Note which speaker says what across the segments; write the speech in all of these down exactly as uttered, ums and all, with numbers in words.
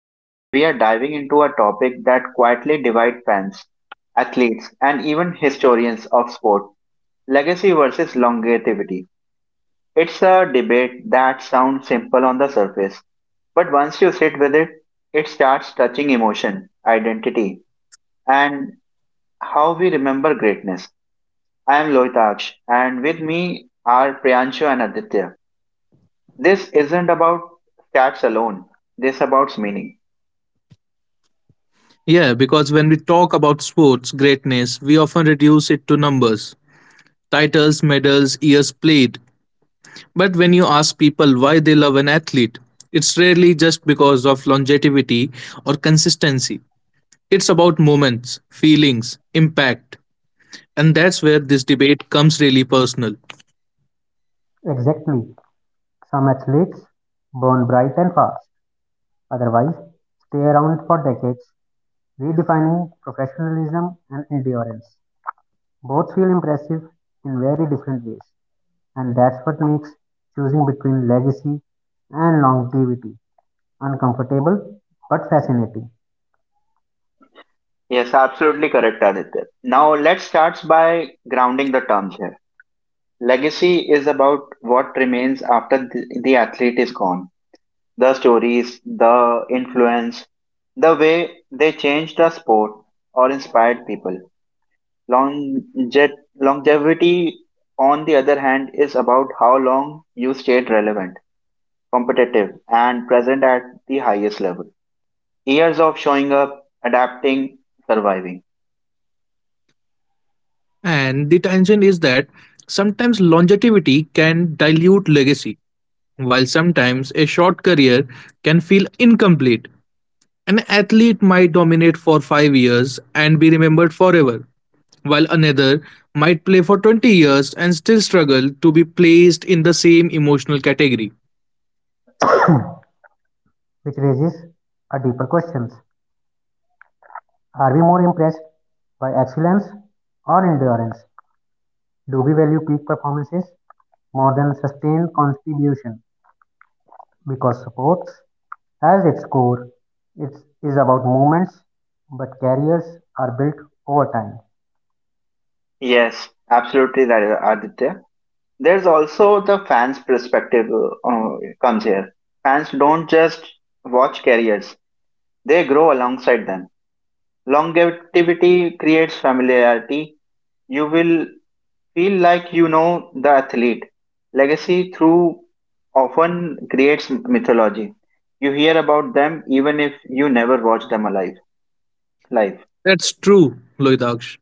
Speaker 1: Today we are diving into a topic that quietly divides fans, athletes, and even historians of sport legacy versus longevity. It's a debate that sounds simple on the surface, but once you sit with it, it starts touching emotion, identity, and how we remember greatness. I am Lohitaksh, and with me are Priyanshu and Aditya. This isn't about stats alone, this about meaning.
Speaker 2: Yeah, because when we talk about sports greatness, we often reduce it to numbers titles, medals, years played. But when you ask people why they love an athlete, it's rarely just because of longevity or consistency. It's about moments, feelings, impact. And that's where this debate comes really personal.
Speaker 3: Exactly. Some athletes burn bright and fast, otherwise, stay around for decades, redefining professionalism and endurance. Both feel impressive in very different ways, and that's what makes choosing between legacy and longevity uncomfortable but fascinating.
Speaker 1: Yes, absolutely correct, Aditya. Now let's start by grounding the terms here. Legacy is about what remains after the, the athlete is gone. The stories, the influence, the way they changed the sport or inspired people. Longe- Longevity, on the other hand, is about how long you stayed relevant, competitive, and present at the highest level. Years of showing up, adapting, surviving.
Speaker 2: And the tension is that sometimes longevity can dilute legacy while sometimes a short career can feel incomplete. An athlete might dominate for five years and be remembered forever, while another might play for twenty years and still struggle to be placed in the same emotional category.
Speaker 3: Which raises a deeper questions. Are we more impressed by excellence or endurance? Do we value peak performances more than sustained contribution? Because sports has its core it is about movements but careers are built over time.
Speaker 1: Yes, absolutely right, Aditya. There's also the fans' perspective uh, comes here. Fans don't just watch careers; they grow alongside them. Longevity creates familiarity. You will feel like you know the athlete. Legacy through often creates mythology. You hear about them even if you never watch them alive. Live.
Speaker 2: That's true, Loitaksh.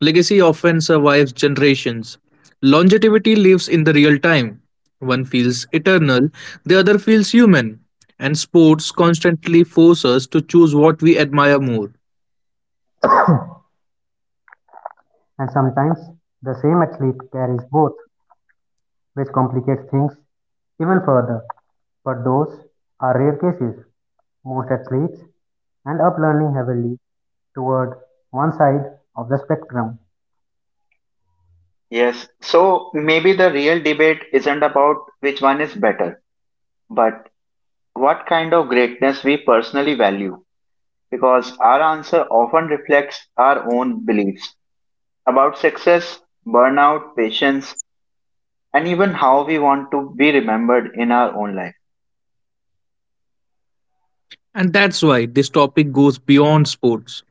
Speaker 2: Legacy often survives generations. Longevity lives in the real time. One feels eternal, the other feels human. And sports constantly force us to choose what we admire more.
Speaker 3: And sometimes the same athlete carries both, which complicates things even further, but those are rare cases. Most athletes end up learning heavily toward one side of the spectrum.
Speaker 1: Yes. So maybe the real debate isn't about which one is better, but what kind of greatness we personally value, because our answer often reflects our own beliefs about success, burnout, patience, and even how we want to be remembered in our own life.
Speaker 2: And that's why this topic goes beyond sports.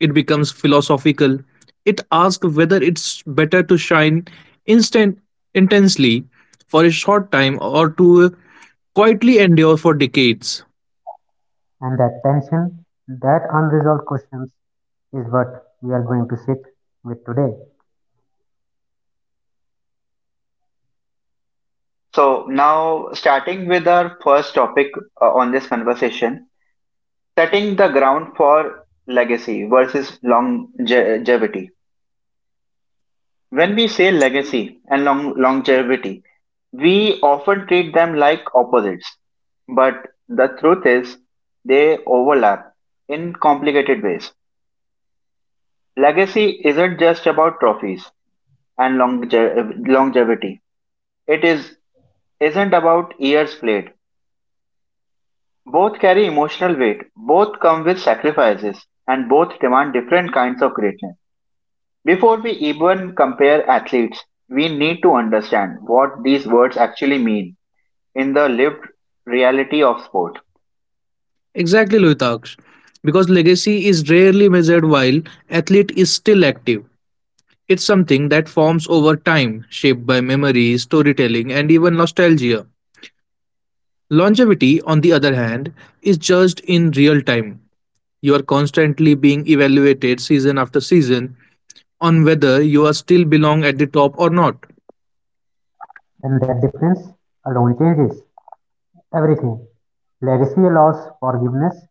Speaker 2: It becomes philosophical. It asks whether it's better to shine instant intensely for a short time or to quietly endure for decades.
Speaker 3: And that tension, that unresolved questions is what we are going to sit with today.
Speaker 1: So, now starting with our first topic uh, on this conversation setting the ground for legacy versus longevity. When we say legacy and long- longevity, we often treat them like opposites, but the truth is they overlap in complicated ways. Legacy isn't just about trophies and longe- longevity. It is isn't about years played. Both carry emotional weight, both come with sacrifices, and both demand different kinds of greatness. Before we even compare athletes, we need to understand what these words actually mean in the lived reality of sport.
Speaker 2: Exactly, Lohitaksh. Because legacy is rarely measured while athlete is still active. It's something that forms over time, shaped by memory, storytelling, and even nostalgia. Longevity, on the other hand, is judged in real time. You are constantly being evaluated season after season, on whether you are still belong at the top or not.
Speaker 3: And that difference alone changes Everything. Legacy allows forgiveness,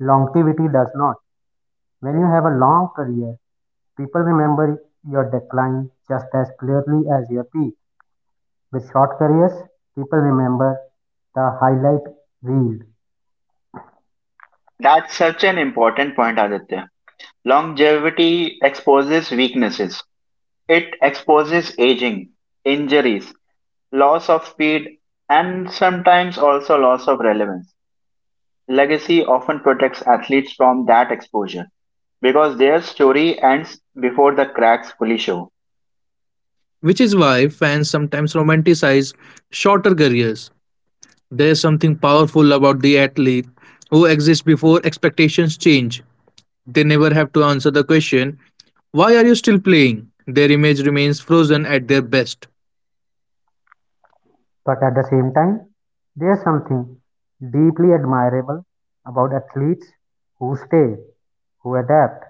Speaker 3: longevity does not. When you have a long career, people remember your decline just as clearly as your peak. With short careers, people remember the highlight reel.
Speaker 1: That's such an important point, Aditya. Longevity exposes weaknesses, it exposes aging, injuries, loss of speed, and sometimes also loss of relevance. Legacy often protects athletes from that exposure because their story ends before the cracks fully show.
Speaker 2: Which is why fans sometimes romanticize shorter careers. There's something powerful about the athlete who exists before expectations change. They never have to answer the question, why are you still playing? Their image remains frozen at their best.
Speaker 3: But at the same time, there's something deeply admirable about athletes who stay, who adapt,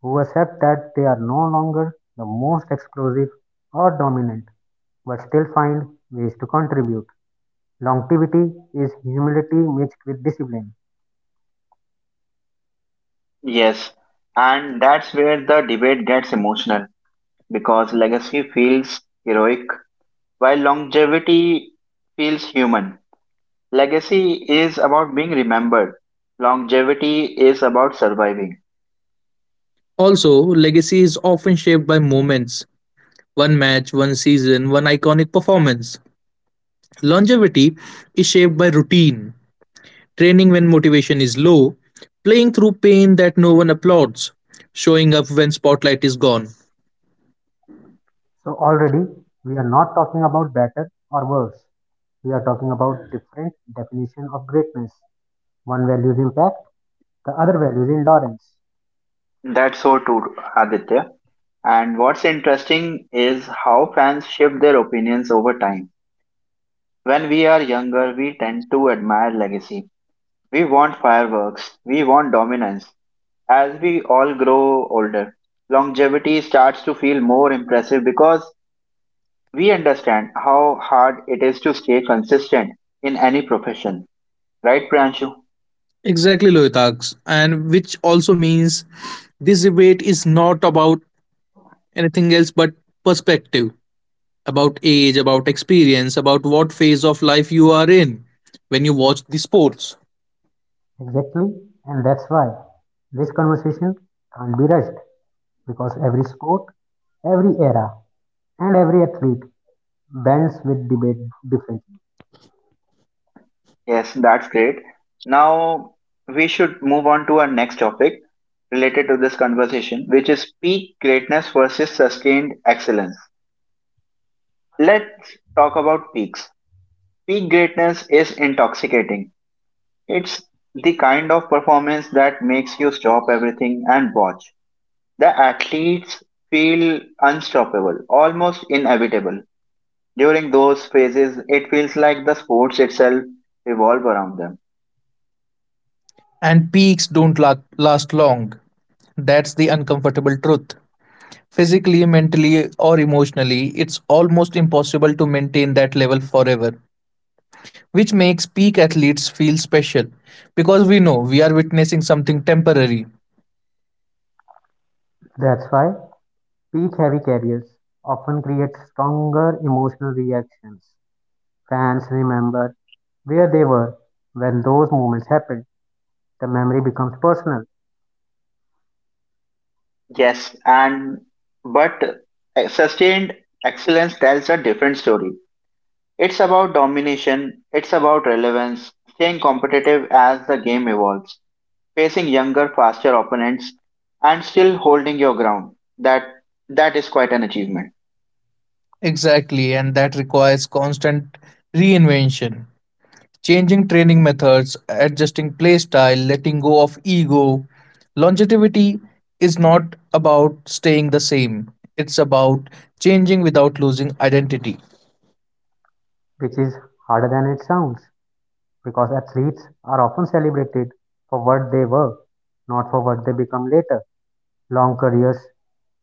Speaker 3: who accept that they are no longer the most explosive or dominant, but still find ways to contribute. Longevity is humility mixed with discipline.
Speaker 1: Yes, and that's where the debate gets emotional because legacy feels heroic while longevity feels human. Legacy is about being remembered. Longevity is about surviving.
Speaker 2: Also, legacy is often shaped by moments one match, one season, one iconic performance. Longevity is shaped by routine, training when motivation is low, playing through pain that no one applauds, showing up when spotlight is gone.
Speaker 3: So already we are not talking about better or worse. We are talking about different definition of greatness. One values impact, the other values endurance.
Speaker 1: That's so true, Aditya. And what's interesting is how fans shift their opinions over time. When we are younger, we tend to admire legacy. We want fireworks. We want dominance. As we all grow older, longevity starts to feel more impressive because we understand how hard it is to stay consistent in any profession, right, Priyanshu?
Speaker 2: Exactly, Lohitak's, and which also means this debate is not about anything else but perspective, about age, about experience, about what phase of life you are in when you watch the sports.
Speaker 3: Exactly, and that's why this conversation can't be rushed, because every sport, every era, and every athlete bends with debate differently.
Speaker 1: Yes, that's great. Now we should move on to our next topic related to this conversation, which is peak greatness versus sustained excellence. Let's talk about peaks. Peak greatness is intoxicating. It's the kind of performance that makes you stop everything and watch. The athletes feel unstoppable, almost inevitable. During those phases, it feels like the sports itself revolve around them.
Speaker 2: And peaks don't la- last long. That's the uncomfortable truth. Physically, mentally, or emotionally, it's almost impossible to maintain that level forever. Which makes peak athletes feel special because we know we are witnessing something temporary.
Speaker 3: That's why peak heavy carriers often create stronger emotional reactions. Fans remember where they were when those moments happened. The memory becomes personal,
Speaker 1: Yes, and but eh, sustained excellence tells a different story. It's about domination, it's about relevance, staying competitive as the game evolves, facing younger, faster opponents, and still holding your ground. That that is quite an achievement.
Speaker 2: Exactly, and that requires constant reinvention, changing training methods, adjusting play style, letting go of ego. Longevity is not about staying the same, it's about changing without losing identity.
Speaker 3: which is harder than it sounds, because athletes are often celebrated for what they were, not for what they become later. Long careers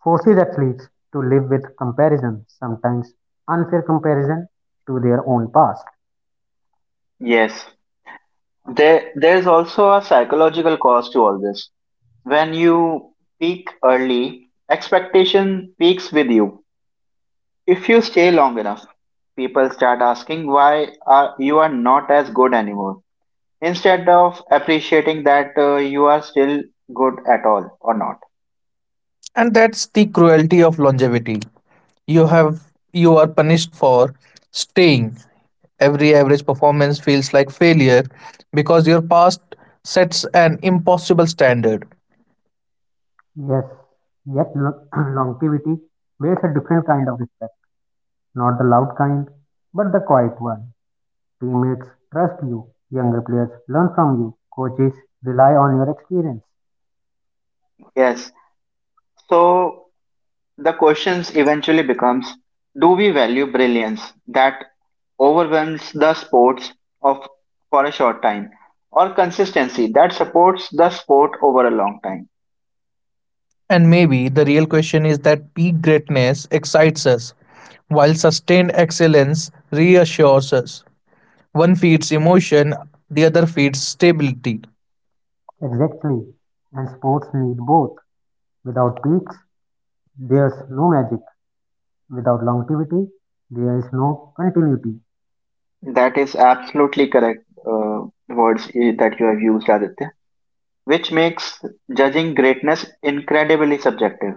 Speaker 3: forces athletes to live with comparison, sometimes unfair comparison to their own past.
Speaker 1: Yes. There there's also a psychological cost to all this. When you peak early, expectation peaks with you. If you stay long enough, people start asking why are, you are not as good anymore instead of appreciating that uh, you are still good at all or not.
Speaker 2: And that's the cruelty of longevity. you have you are punished for staying. Every average performance feels like failure because your past sets an impossible standard.
Speaker 3: Yes, yet lo- longevity builds a different kind of respect, not the loud kind, but the quiet one. Teammates trust you, younger players learn from you, coaches rely on your experience.
Speaker 1: Yes. So the questions eventually becomes do we value brilliance that overwhelms the sports of for a short time or consistency that supports the sport over a long time.
Speaker 2: And maybe the real question is that peak greatness excites us while sustained excellence reassures us. One feeds emotion, the other feeds stability.
Speaker 3: Exactly. And sports need both. Without peaks, there's no magic. Without longevity, there is no continuity.
Speaker 1: That is absolutely correct uh, words i- that you have used, Aditya, which makes judging greatness incredibly subjective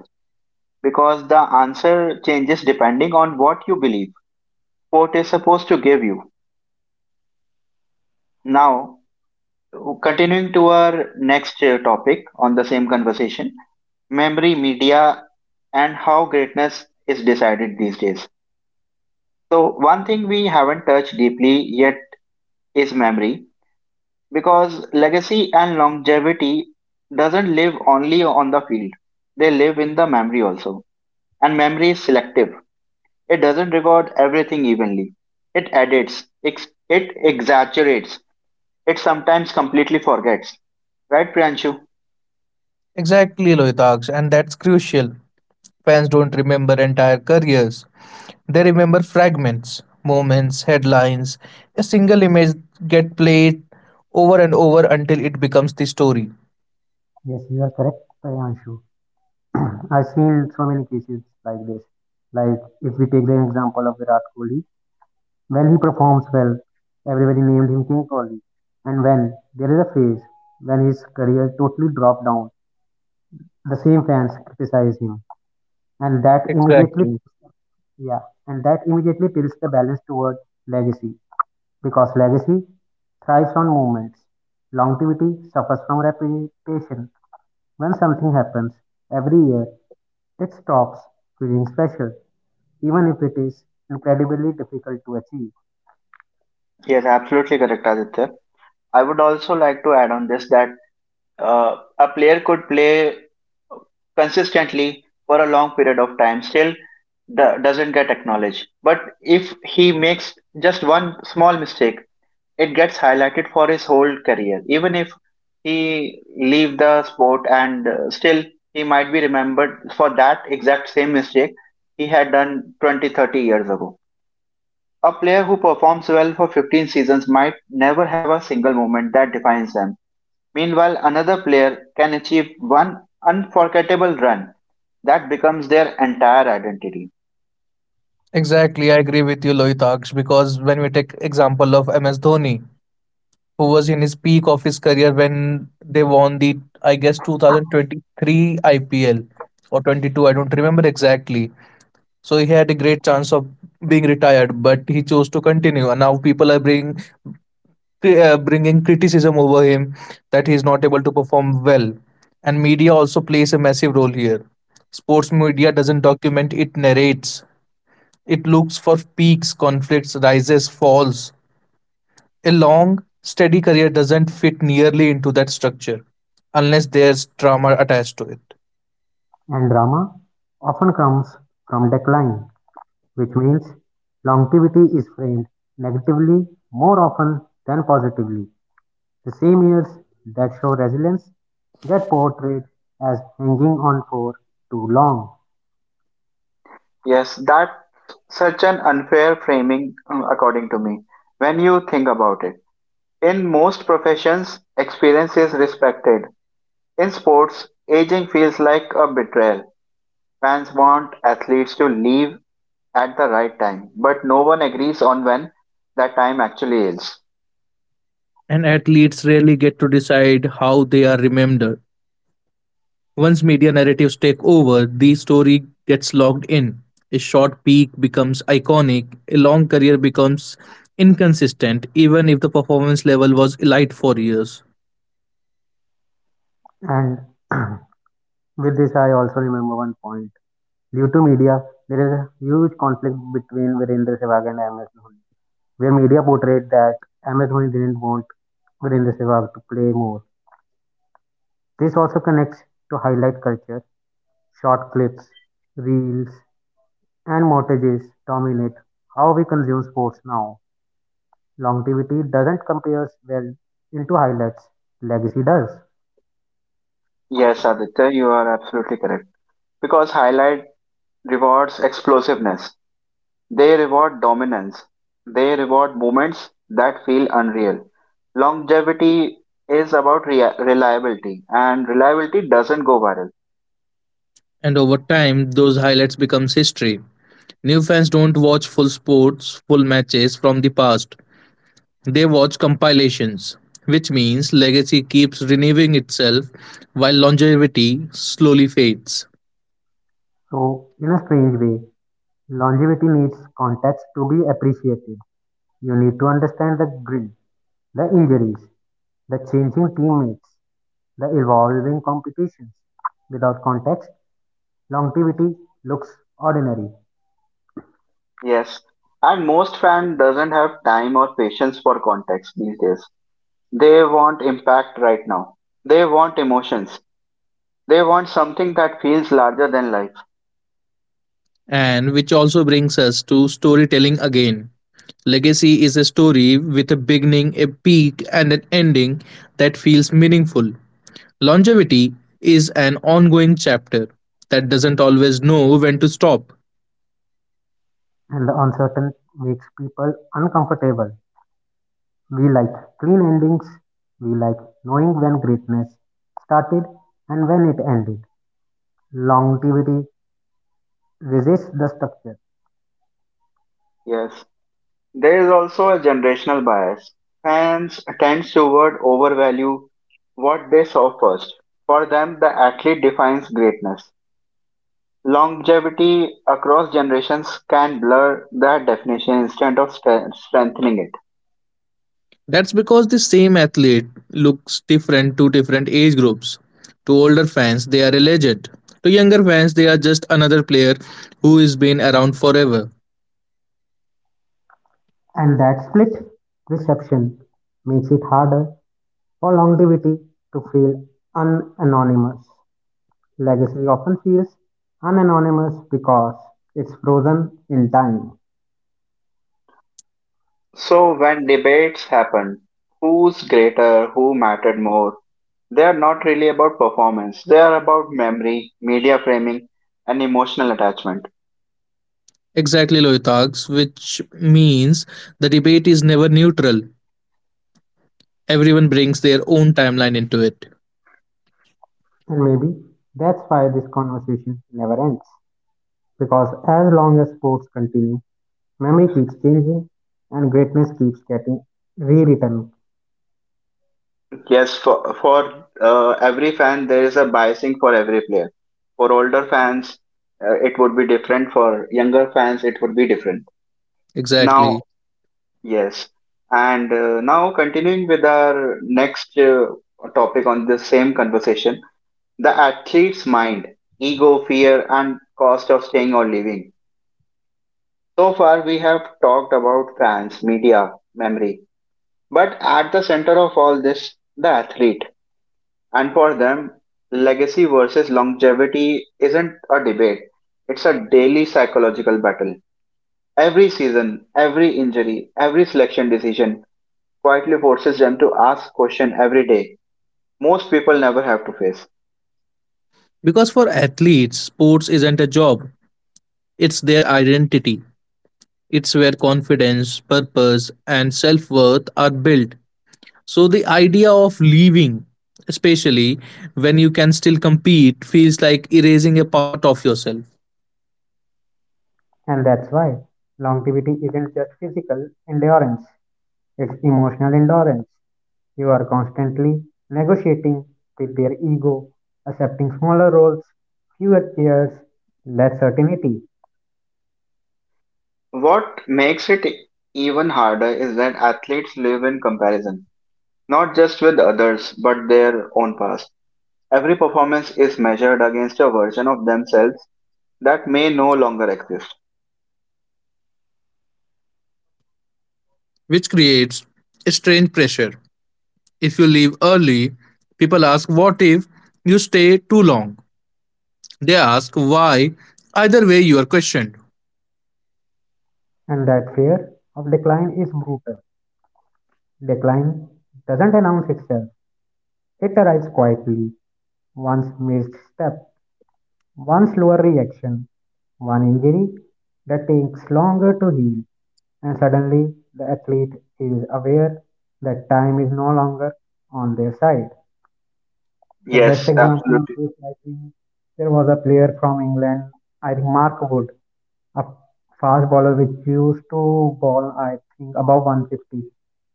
Speaker 1: because the answer changes depending on what you believe sport is supposed to give you. Now, continuing to our next uh, topic on the same conversation memory, media, and how greatness is decided these days. So, one thing we haven't touched deeply yet is memory, because legacy and longevity doesn't live only on the field, they live in the memory also, and memory is selective. It doesn't record everything evenly. It edits, ex- it exaggerates, it sometimes completely forgets, right, Priyanshu?
Speaker 2: Exactly, Loitaks, and that's crucial. Fans don't remember entire careers. They remember fragments, moments, headlines. A single image get played over and over until it becomes the story.
Speaker 3: Yes, you are correct, Priyanshu. I've seen so many cases like this. Like if we take the example of Virat Kohli, when he performs well, everybody named him King Kohli. And when there is a phase when his career totally dropped down, the same fans criticize him. And that immediately
Speaker 2: Exactly.
Speaker 3: Yeah, and that immediately tilts the balance toward legacy, because legacy thrives on movements. Longevity suffers from repetition. When something happens every year, it stops feeling special, even if it is incredibly difficult to achieve.
Speaker 1: Yes, absolutely correct, Aditya. I would also like to add on this that uh, a player could play consistently for a long period of time, still do- doesn't get acknowledged. But if he makes just one small mistake, it gets highlighted for his whole career. Even if he leave the sport and uh, still he might be remembered for that exact same mistake he had done twenty, thirty years ago. A player who performs well for fifteen seasons might never have a single moment that defines them. Meanwhile, another player can achieve one unforgettable run that becomes their entire identity.
Speaker 2: Exactly, I agree with you, Lohitaksh, because when we take example of M S Dhoni, who was in his peak of his career when they won the, I guess, two thousand twenty-three I P L or twenty-two, I don't remember exactly. So he had a great chance of being retired, but he chose to continue. And now people are bringing cri- uh, bringing criticism over him that he is not able to perform well. And media also plays a massive role here. Sports media doesn't document, it narrates. It looks for peaks, conflicts, rises, falls. A long, steady career doesn't fit nearly into that structure unless there's drama attached to it.
Speaker 3: And drama often comes from decline, which means longevity is framed negatively more often than positively. The same years that show resilience get portrayed as hanging on for too long.
Speaker 1: Yes, that's such an unfair framing, mm, according to me, when you think about it. In most professions, experience is respected. In sports, aging feels like a betrayal. Fans want athletes to leave at the right time, but no one agrees on when that time actually is.
Speaker 2: And athletes rarely get to decide how they are remembered. Once media narratives take over, the story gets logged in. A short peak becomes iconic, a long career becomes inconsistent, even if the performance level was elite for years.
Speaker 3: And with this, I also remember one point. Due to media, there is a huge conflict between Virendra Sehwag and M S Dhoni, where media portrayed that M S Dhoni didn't want Virendra Sehwag to play more. This also connects to highlight culture. Short clips, reels, and montages dominate how we consume sports now. Longevity doesn't compare well into highlights, legacy does.
Speaker 1: Yes, Aditya, you are absolutely correct. Because highlight rewards explosiveness. They reward dominance. They reward moments that feel unreal. Longevity is about rea- reliability, and reliability doesn't go viral.
Speaker 2: And over time, those highlights become history. New fans don't watch full sports, full matches from the past. They watch compilations, which means legacy keeps renewing itself while longevity slowly fades.
Speaker 3: So, in a strange way, longevity needs context to be appreciated. You need to understand the grid, the injuries, the changing teammates, the evolving competitions. Without context, longevity looks ordinary,
Speaker 1: Yes, and most fan doesn't have time or patience for context these days. They want impact right now. They want emotions. They want something that feels larger than life.
Speaker 2: And which also brings us to storytelling again. Legacy is a story with a beginning, a peak, and an ending that feels meaningful. Longevity is an ongoing chapter that doesn't always know when to stop.
Speaker 3: and the uncertain makes people uncomfortable. We like clean endings, we like knowing when greatness started and when it ended. Longevity resists the structure,
Speaker 1: Yes, there is also a generational bias. Fans tend toward overvalue what they saw first. For them, the athlete defines greatness. Longevity across generations can blur that definition instead of stre- strengthening it.
Speaker 2: That's because the same athlete looks different to different age groups. To older fans, they are a legend. To younger fans, they are just another player who has been around forever.
Speaker 3: and that split reception makes it harder for longevity to feel unanonymous. Legacy often feels unanonymous because it's frozen in time,
Speaker 1: So, when debates happen, who's greater, who mattered more, they are not really about performance, they are about memory, media framing, and emotional attachment.
Speaker 2: Exactly, Loitags, which means the debate is never neutral. Everyone brings their own timeline into it.
Speaker 3: and maybe that's why this conversation never ends. Because as long as sports continue, memory keeps changing and greatness keeps getting rewritten.
Speaker 1: Yes, for, for uh, every fan, there is a biasing for every player. For older fans, uh, it would be different. For younger fans, it would be different. Now,
Speaker 2: Exactly.
Speaker 1: yes. And uh, now, continuing with our next uh, topic on the same conversation the athlete's mind, ego, fear, and cost of staying or leaving. So far, we have talked about fans, media, memory. But at the center of all this, the athlete. And for them, legacy versus longevity isn't a debate, it's a daily psychological battle. Every season, every injury, every selection decision quietly forces them to ask question every day most people never have to face.
Speaker 2: Because for athletes, sports isn't a job, it's their identity. It's where confidence, purpose, and self worth are built. So the idea of leaving, especially when you can still compete, feels like erasing a part of yourself,
Speaker 3: And that's why longevity isn't just physical endurance, it's emotional endurance. You are constantly negotiating with their ego, accepting smaller roles, fewer cares, less certainty.
Speaker 1: What makes it even harder is that athletes live in comparison, not just with others, but their own past. Every performance is measured against a version of themselves that may no longer exist.
Speaker 2: which creates a strange pressure. If you leave early, people ask, what if you stay too long? They ask, why? Either way, you are questioned.
Speaker 3: And that fear of decline is brutal. Decline doesn't announce itself, it arrives quietly. One's missed step, one slower reaction, one injury that takes longer to heal, and suddenly the athlete is aware that time is no longer on their side. The best
Speaker 1: Yes,
Speaker 3: example of
Speaker 1: absolutely.
Speaker 3: this, I think, there was a player from England, I think Mark Wood, a fast bowler which used to bowl, I think, above one fifty.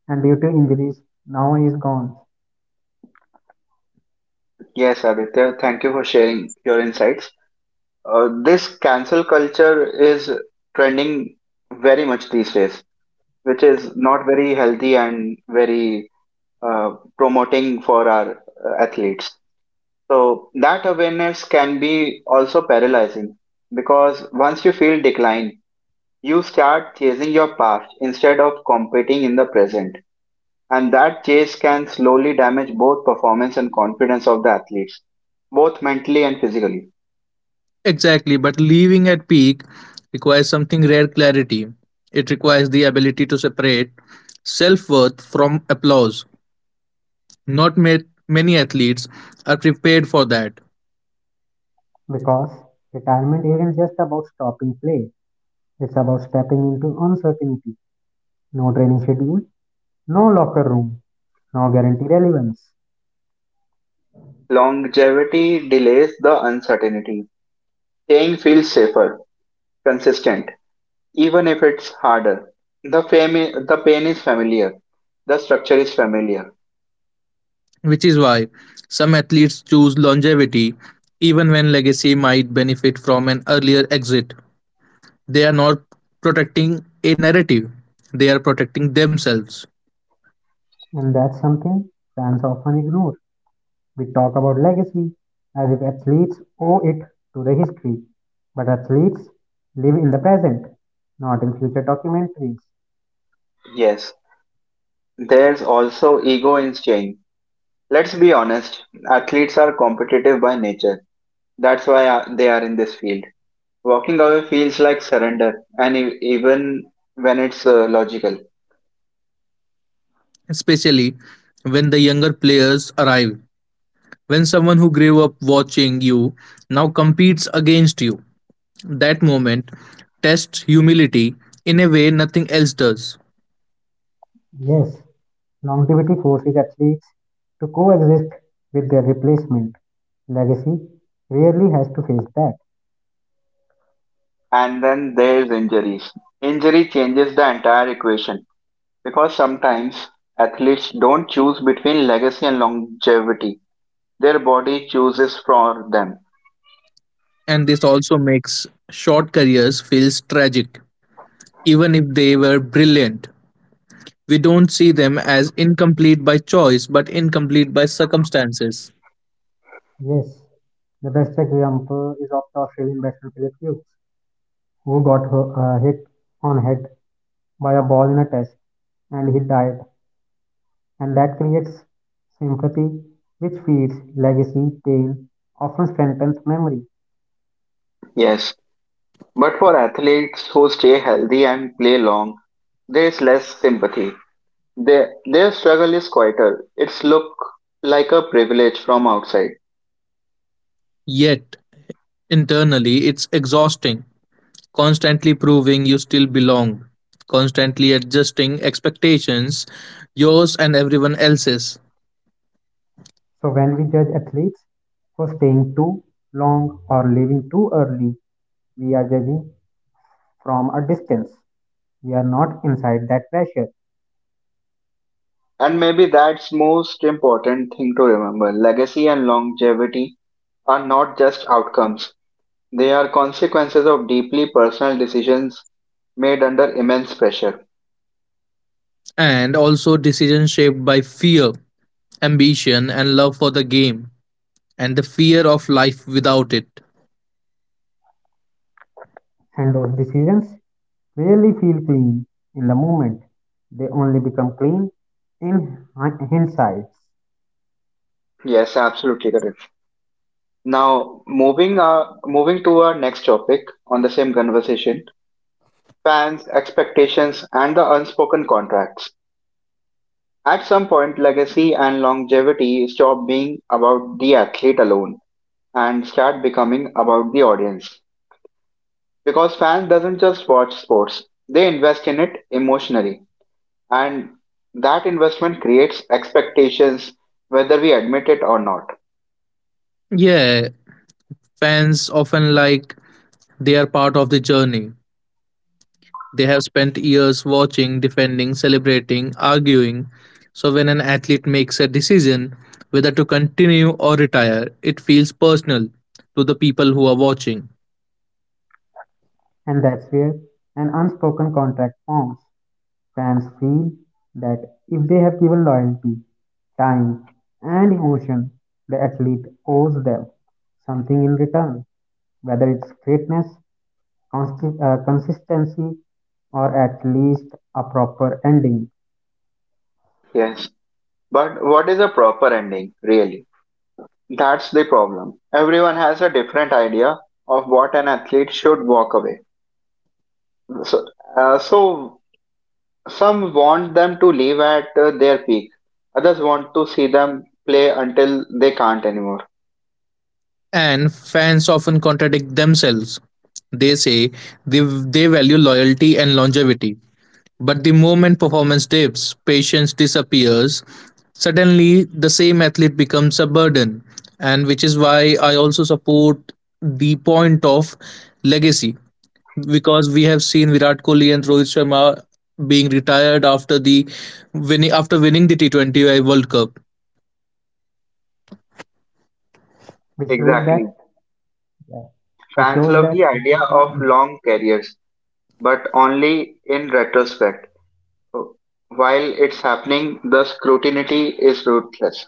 Speaker 3: And due to injuries, now he's gone.
Speaker 1: Yes, Aditya, thank you for sharing your insights. Uh, this cancel culture is trending very much these days, which is not very healthy and very uh, promoting for our uh, athletes. So, that awareness can be also paralyzing because once you feel decline, you start chasing your past instead of competing in the present. And that chase can slowly damage both performance and confidence of the athletes, both mentally and physically.
Speaker 2: Exactly, but leaving at peak requires something rare clarity. It requires the ability to separate self worth from applause. Not ma- many athletes are prepared for that,
Speaker 3: Because retirement isn't just about stopping play, it's about stepping into uncertainty. No training schedule, no locker room, no guaranteed relevance.
Speaker 1: Longevity delays the uncertainty. Staying feels safer, consistent, even if it's harder. The, fami- the pain is familiar. The structure is familiar.
Speaker 2: which is why some athletes choose longevity even when legacy might benefit from an earlier exit. They are not protecting a narrative, they are protecting themselves,
Speaker 3: And that's something fans often ignore. We talk about legacy as if athletes owe it to the history, but athletes live in the present, not in future documentaries.
Speaker 1: Yes, there's also ego in staying. Let's be honest, athletes are competitive by nature. That's why uh, they are in this field. Walking away feels like surrender, and e- even when it's uh, logical.
Speaker 2: especially when the younger players arrive. When someone who grew up watching you now competes against you, that moment tests humility in a way nothing else does.
Speaker 3: Yes, longevity forces athletes to coexist with their replacement. Legacy rarely has to face that.
Speaker 1: And then there's injuries. Injury changes the entire equation. Because sometimes athletes don't choose between legacy and longevity. Their body chooses for them.
Speaker 2: And this also makes short careers feel tragic, even if they were brilliant. We don't see them as incomplete by choice but incomplete by circumstances.
Speaker 3: Yes, the best example is of the Australian batsman Philip Hughes, who got uh, hit on head by a ball in a test and he died, and that creates sympathy, which feeds legacy. Pain often strengthens memory.
Speaker 1: Yes. But for athletes who stay healthy and play long, there is less sympathy. Their, their struggle is quieter. It's look like a privilege from outside.
Speaker 2: Yet, internally, it's exhausting, constantly proving you still belong, constantly adjusting expectations, yours and everyone else's,
Speaker 3: So, when we judge athletes for staying too long or leaving too early, we are judging from a distance. We are not inside that pressure,
Speaker 1: And maybe that's most important thing to remember. Legacy and longevity are not just outcomes. They are consequences of deeply personal decisions made under immense pressure.
Speaker 2: and also decisions shaped by fear, ambition, and love for the game, and the fear of life without it.
Speaker 3: and those decisions really feel clean in the moment. They only become clean in hindsight,
Speaker 1: Yes, absolutely correct. Now, moving uh, moving to our next topic on the same conversation, fans, expectations, and the unspoken contracts. At some point, legacy and longevity stop being about the athlete alone and start becoming about the audience. Because fans doesn't just watch sports; they invest in it emotionally, and that investment creates expectations, whether we admit it or not.
Speaker 2: Yeah, fans often like they are part of the journey. They have spent years watching, defending, celebrating, arguing. So when an athlete makes a decision whether to continue or retire, it feels personal to the people who are watching.
Speaker 3: and that's where an unspoken contract forms. Fans feel that if they have given loyalty, time, and emotion, the athlete owes them something in return, whether it's greatness, consti- uh, consistency, or at least a proper ending.
Speaker 1: Yes, but what is a proper ending, really? That's the problem. Everyone has a different idea of what an athlete should walk away. So, uh, so some want them to leave at uh, their peak. Others want to see them play until they can't anymore.
Speaker 2: And fans often contradict themselves. They say they, they value loyalty and longevity, but the moment performance dips, patience disappears, suddenly the same athlete becomes a burden. And which is why I also support the point of legacy because we have seen Virat Kohli and Rohit Sharma being retired after the winning after winning the T twenty World Cup.
Speaker 3: Which shows that
Speaker 1: Exactly.
Speaker 3: Yeah. which
Speaker 1: Fans
Speaker 3: shows
Speaker 1: love
Speaker 3: that
Speaker 1: the idea
Speaker 3: fans
Speaker 1: of
Speaker 3: don't-
Speaker 1: long careers, but only in retrospect. While it's happening, the scrutiny is ruthless.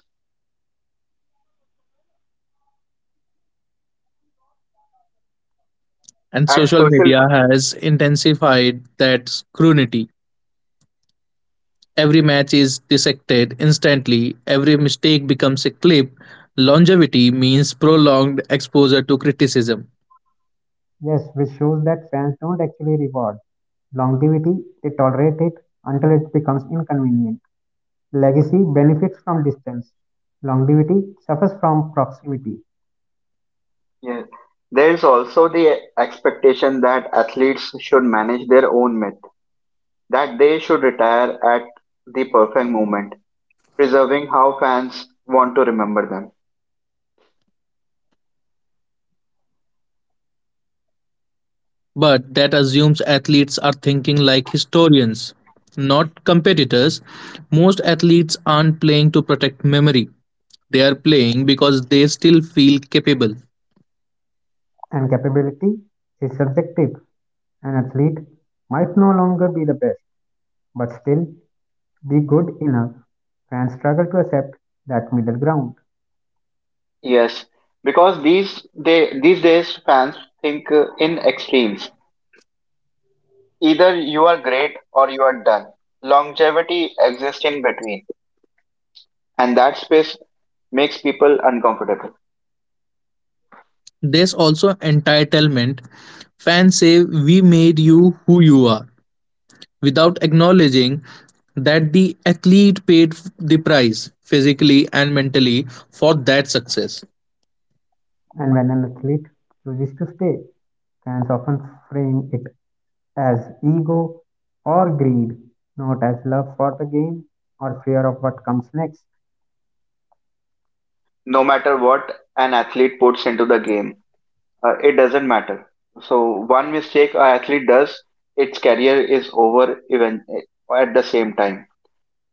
Speaker 2: And
Speaker 1: And
Speaker 2: social
Speaker 1: social,
Speaker 2: media has intensified that scrutiny. Every match is dissected instantly, every mistake becomes a clip. Longevity means prolonged exposure to criticism,
Speaker 3: Yes, which shows that fans don't actually reward longevity; they tolerate it until it becomes inconvenient. Legacy benefits from distance; longevity suffers from proximity.
Speaker 1: yeah. There is also the expectation that athletes should manage their own myth, that they should retire at the perfect moment, preserving how fans want to remember them.
Speaker 2: but that assumes athletes are thinking like historians, not competitors. Most athletes aren't playing to protect memory, they are playing because they still feel capable.
Speaker 3: And capability is subjective. An athlete might no longer be the best, but still be good enough. Fans struggle to accept that middle ground,
Speaker 1: Yes, because these day, these days fans think uh, in extremes. Either you are great or you are done. Longevity exists in between, and that space makes people uncomfortable.
Speaker 2: There's also entitlement. Fans say, we made you who you are, without acknowledging that the athlete paid f- the price physically and mentally for that success.
Speaker 3: and when an athlete chooses to stay, fans often frame it as ego or greed, not as love for the game or fear of what comes next,
Speaker 1: No matter what an athlete puts into the game, uh, it doesn't matter. So one mistake an athlete does, its career is over even eh, at the same time.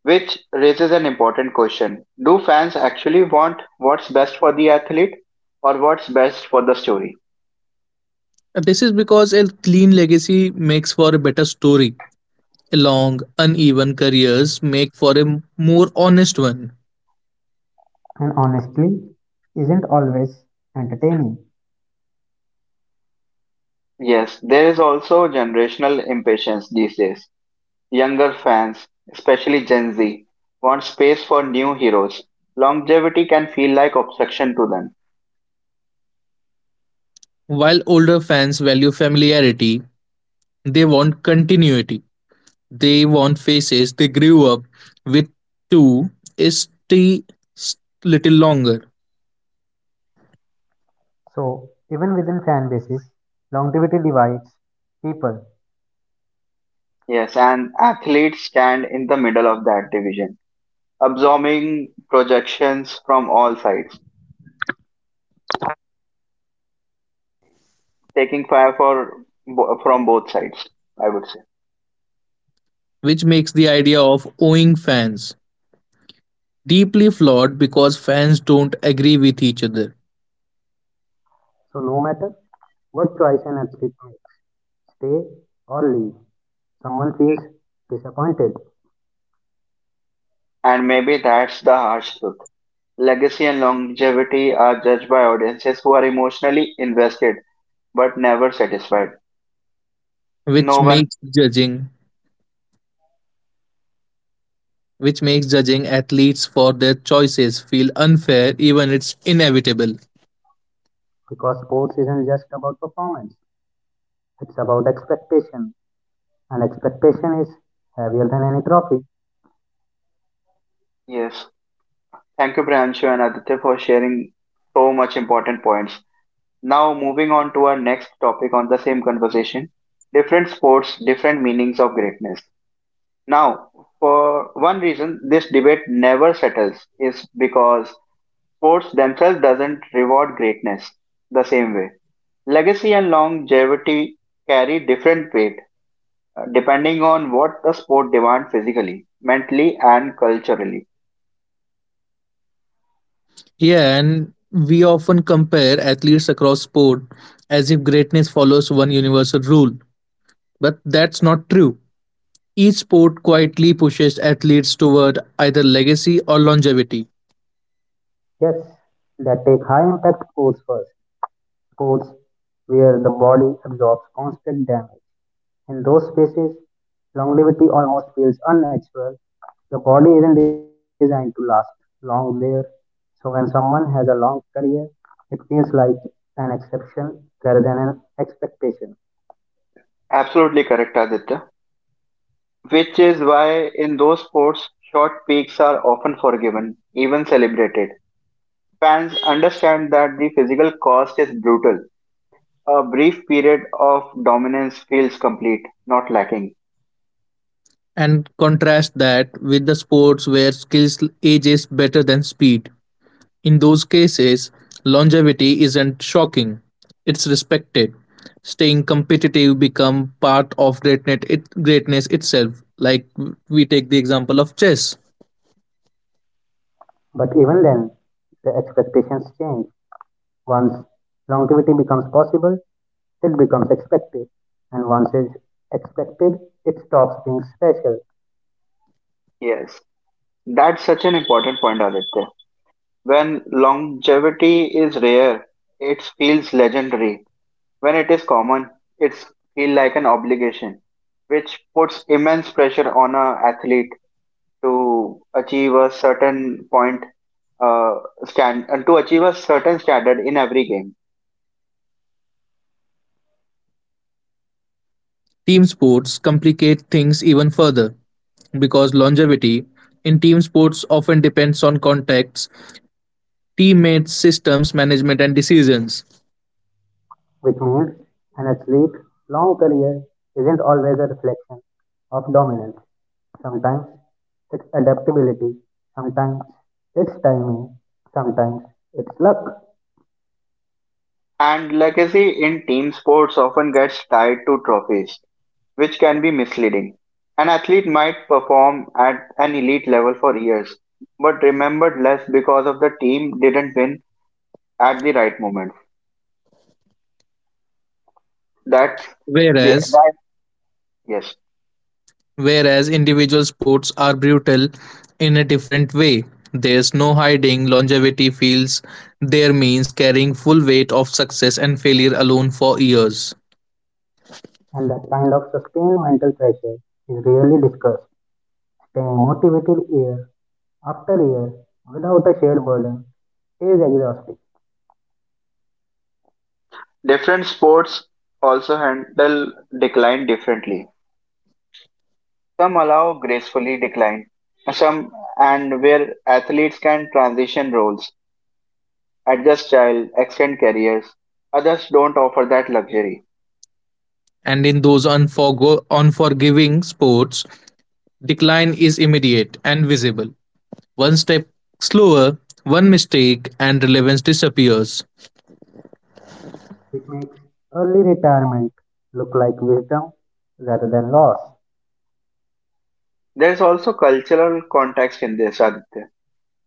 Speaker 1: Which raises an important question. Do fans actually want what's best for the athlete or what's best for the story?
Speaker 2: This is because a clean legacy makes for a better story. A long, uneven careers make for a m- more honest one.
Speaker 3: and honestly, isn't always entertaining.
Speaker 1: Yes, there is also generational impatience these days. Younger fans, especially Gen Z, want space for new heroes. Longevity can feel like obstruction to them.
Speaker 2: While older fans value familiarity, they want continuity. They want faces they grew up with to stay s- little longer,
Speaker 3: So, even within fan bases, longevity divides people.
Speaker 1: Yes, and athletes stand in the middle of that division, absorbing projections from all sides, taking fire for, from both sides, I would say.
Speaker 2: which makes the idea of owing fans deeply flawed because fans don't agree with each other,
Speaker 3: So, no matter what choice an athlete makes, stay or leave, someone feels disappointed,
Speaker 1: And maybe that's the harsh truth. Legacy and longevity are judged by audiences who are emotionally invested but never satisfied.
Speaker 2: which
Speaker 1: No one,
Speaker 2: makes judging which makes judging athletes for their choices feel unfair even it's inevitable.
Speaker 3: because sports isn't just about performance, it's about expectation, and expectation is heavier than any trophy.
Speaker 1: yes. Thank you, Priyanshu and Aditya, for sharing so much important points. Now, moving on to our next topic on the same conversation, different sports, different meanings of greatness. Now, for one reason this debate never settles is because sports themselves doesn't reward greatness the same way. Legacy and longevity carry different weight, uh, depending on what the sport demands physically, mentally, and culturally.
Speaker 2: Yeah, and we often compare athletes across sport as if greatness follows one universal rule, but that's not true. Each sport quietly pushes athletes toward either legacy or longevity,
Speaker 3: Yes, that take high impact sports first, sports where the body absorbs constant damage. In those spaces, longevity almost feels unnatural. The body isn't designed to last long there. So when someone has a long career, it feels like an exception rather than an expectation.
Speaker 1: Absolutely correct, Aditya. Which is why in those sports, short peaks are often forgiven, even celebrated. Fans understand that the physical cost is brutal. A brief period of dominance feels complete, not lacking.
Speaker 2: and contrast that with the sports where skills ages better than speed. In those cases, longevity isn't shocking, it's respected. Staying competitive become part of greatness, it, greatness itself. Like we take the example of chess.
Speaker 3: But even then, the expectations change. Once longevity becomes possible, it becomes expected. And once it's expected, it stops being special,
Speaker 1: Yes, that's such an important point, Aditya. When longevity is rare, it feels legendary. When it is common, it feels like an obligation, which puts immense pressure on an athlete to achieve a certain point, uh, stand and to achieve a certain standard in every game.
Speaker 2: Team sports complicate things even further because longevity in team sports often depends on contacts, teammates, systems, management, and decisions.
Speaker 3: which means an athlete long career isn't always a reflection of dominance. Sometimes it's adaptability, sometimes it's timing, sometimes it's luck.
Speaker 1: And legacy in team sports often gets tied to trophies, which can be misleading. An athlete might perform at an elite level for years, but remembered less because of the team didn't win at the right moment. That's the
Speaker 2: Whereas
Speaker 1: that yes.
Speaker 2: Whereas individual sports are brutal in a different way. There's no hiding, longevity feels there means carrying full weight of success and failure alone for years.
Speaker 3: And that kind of sustained mental pressure is rarely discussed. Staying motivated year after year without a shared burden is exhausting,
Speaker 1: Different sports also handle decline differently. Some allow gracefully decline, some and where athletes can transition roles, adjust child, extend careers. Others don't offer that luxury.
Speaker 2: And in those unforgo- unforgiving sports, decline is immediate and visible. One step slower, one mistake, and relevance disappears.
Speaker 3: which makes early retirement look like wisdom rather than loss.
Speaker 1: There's also cultural context in this, Aditya.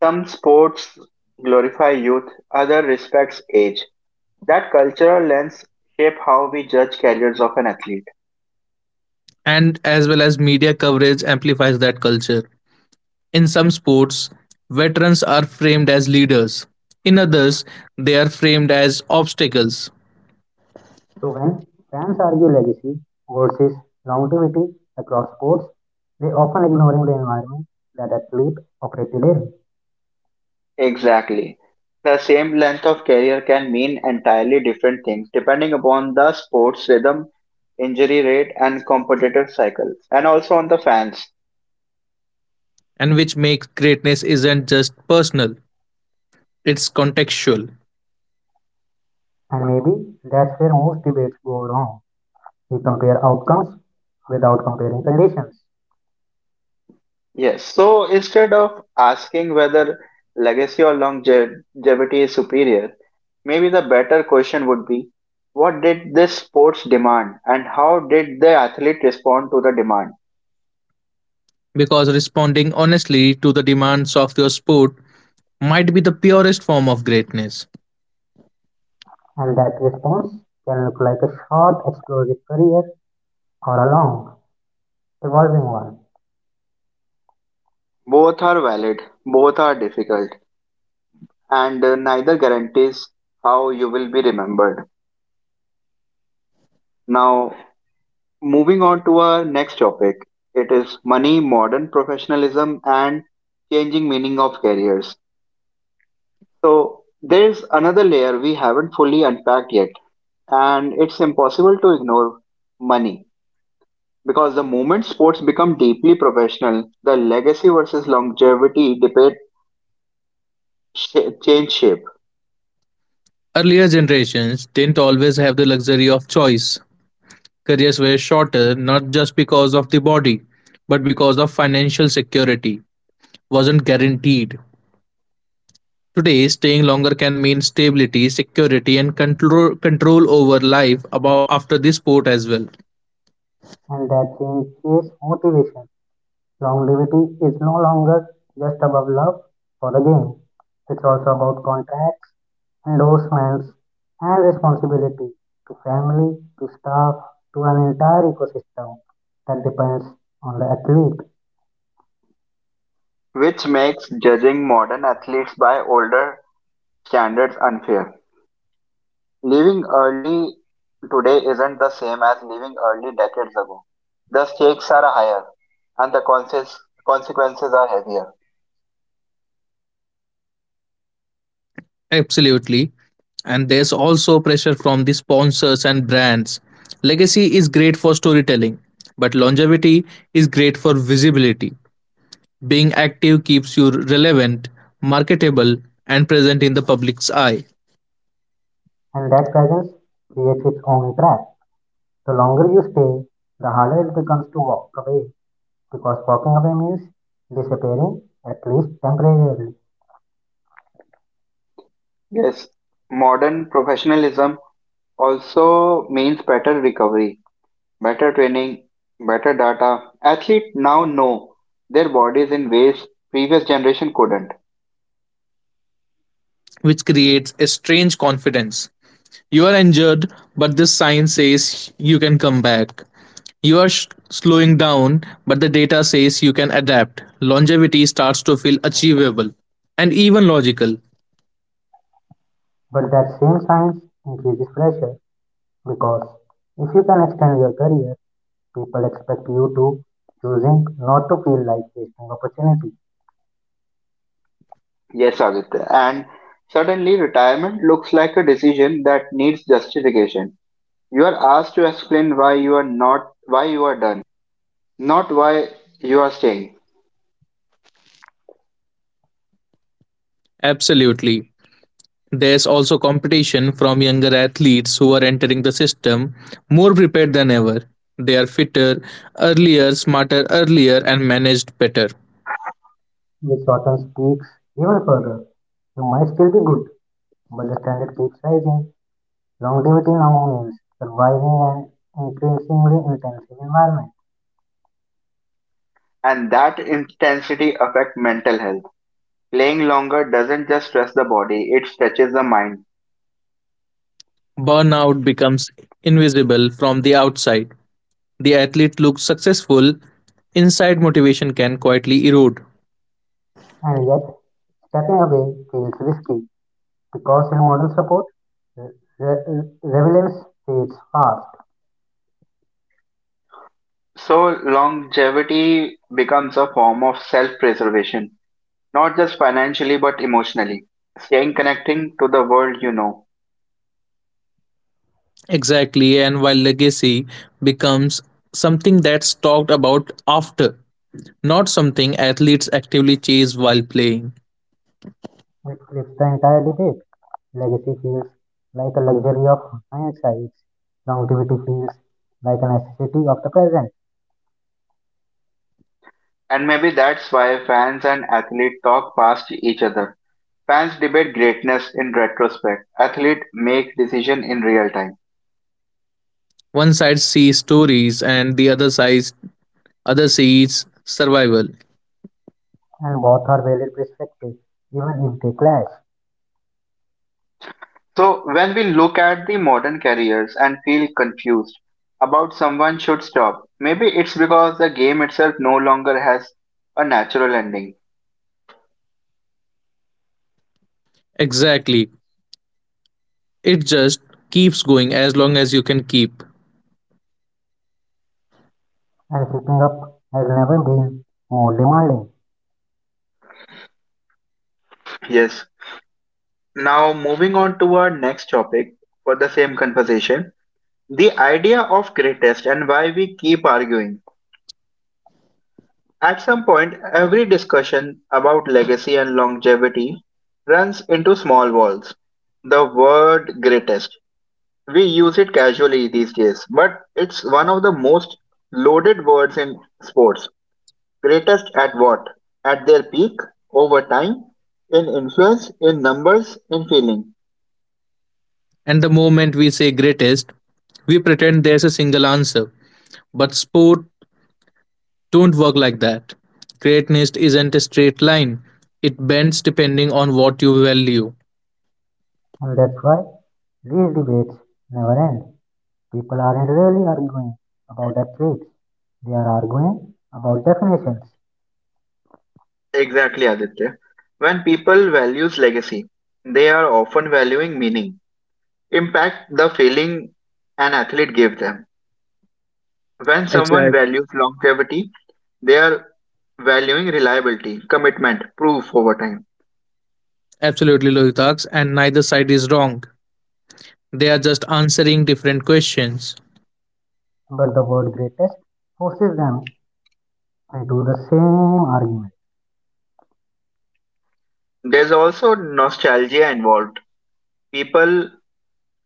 Speaker 1: Some sports glorify youth, other respects age. That cultural lens shape how we judge careers of an athlete.
Speaker 2: And as well as media coverage amplifies that culture. In some sports, veterans are framed as leaders. In others, they are framed as obstacles,
Speaker 3: So when fans argue legacy versus longevity across sports, they often ignoring the environment that athletes operated in.
Speaker 1: Exactly. The same length of career can mean entirely different things depending upon the sport's rhythm, injury rate, and competitive cycle, and also on the fans.
Speaker 2: and which makes greatness isn't just personal, it's contextual.
Speaker 3: And maybe that's where most debates go wrong. We compare outcomes without comparing conditions.
Speaker 1: Yes. So instead of asking whether legacy or longevity is superior, maybe the better question would be what did this sports demand and how did the athlete respond to the demand?
Speaker 2: Because responding honestly to the demands of your sport might be the purest form of greatness.
Speaker 3: And that response can look like a short, explosive career or a long, evolving one.
Speaker 1: Both are valid, both are difficult, and uh, neither guarantees how you will be remembered. Now, moving on to our next topic, it is money, modern professionalism, and changing meaning of careers. So, there's another layer we haven't fully unpacked yet, and it's impossible to ignore money because the moment sports become deeply professional, the legacy versus longevity debate sh- change shape,
Speaker 2: Earlier generations didn't always have the luxury of choice. Careers were shorter not just because of the body, but because of financial security wasn't guaranteed. Today, staying longer can mean stability, security, and control control over life about after the sport as well.
Speaker 3: And that change is motivation. Longevity is no longer just about love for the game, it's also about contracts, endorsements, and responsibility to family, to staff, to an entire ecosystem that depends on the athlete.
Speaker 1: which makes judging modern athletes by older standards unfair. Leaving early today isn't the same as leaving early decades ago. The stakes are higher and the conse- consequences are heavier.
Speaker 2: Absolutely. And there's also pressure from the sponsors and brands. Legacy is great for storytelling, but longevity is great for visibility. Being active keeps you relevant, marketable, and present in the public's eye,
Speaker 3: And that presence creates its own trap. The longer you stay, the harder it becomes to walk away, because walking away means disappearing, at least temporarily.
Speaker 1: Yes, modern professionalism also means better recovery, better training, better data. Athletes now know their bodies in ways previous generation couldn't.
Speaker 2: which creates a strange confidence. You are injured, but this sign says you can come back. You are sh- slowing down, but the data says you can adapt. Longevity starts to feel achievable and even logical.
Speaker 3: But that same science increases pressure, because if you can extend your career, people expect you to choosing not to feel like wasting opportunity,
Speaker 1: Yes, Aditya. And suddenly retirement looks like a decision that needs justification. You are asked to explain why you are not why you are,
Speaker 2: Absolutely. There's also competition from younger athletes who are entering the system more prepared than ever. They are fitter, earlier, smarter, earlier, and managed better.
Speaker 3: which shortens peaks even further. You might still be good, but the standard keeps rising. Longevity now means surviving an increasingly intensive environment.
Speaker 1: and that intensity affect mental health. Playing longer doesn't just stress the body, it stretches the mind.
Speaker 2: Burnout becomes invisible from the outside, the athlete looks successful, inside motivation can quietly erode.
Speaker 3: And yet, stepping away feels risky because in modern support, re- re- relevance fades fast,
Speaker 1: So longevity becomes a form of self-preservation, not just financially but emotionally. Staying connecting to the world you know.
Speaker 2: Exactly, and while legacy becomes something that's talked about after, not something athletes actively chase while playing.
Speaker 3: which flips the entire debate. Legacy feels like a luxury of hindsight, longevity feels like a necessity of the present,
Speaker 1: And maybe that's why fans and athletes talk past each other. Fans debate greatness in retrospect. Athletes make decision in real time.
Speaker 2: One side sees stories and the other side other sees survival.
Speaker 3: and both are valid perspectives, even if they clash.
Speaker 1: So, when we look at the modern careers and feel confused about someone should stop, maybe it's because the game itself no longer has a natural ending.
Speaker 2: Exactly. It just keeps going as long as you can keep.
Speaker 3: And keeping up has never been more demanding,
Speaker 1: Yes. Now, moving on to our next topic for the same conversation, the idea of greatest and why we keep arguing. At some point, every discussion about legacy and longevity runs into small walls. The word greatest, we use it casually these days, but it's one of the most loaded words in sports. Greatest at what? At their peak, over time, in influence, in numbers, in feeling.
Speaker 2: And the moment we say greatest, we pretend there's a single answer. But sport don't work like that. Greatness isn't a straight line. It bends depending on what you value.
Speaker 3: and that's why these debates never end. People aren't really arguing about athletes, they are arguing about definitions.
Speaker 1: Exactly, Aditya. When people values legacy, they are often valuing meaning, impact, the feeling an athlete gives them. When someone
Speaker 2: Exactly.
Speaker 1: values longevity, they are valuing reliability, commitment, proof over time.
Speaker 2: Absolutely, Lohitak's, and neither side is wrong. They are just answering different questions.
Speaker 3: But the word greatest forces them into the same argument.
Speaker 1: There's also nostalgia involved. People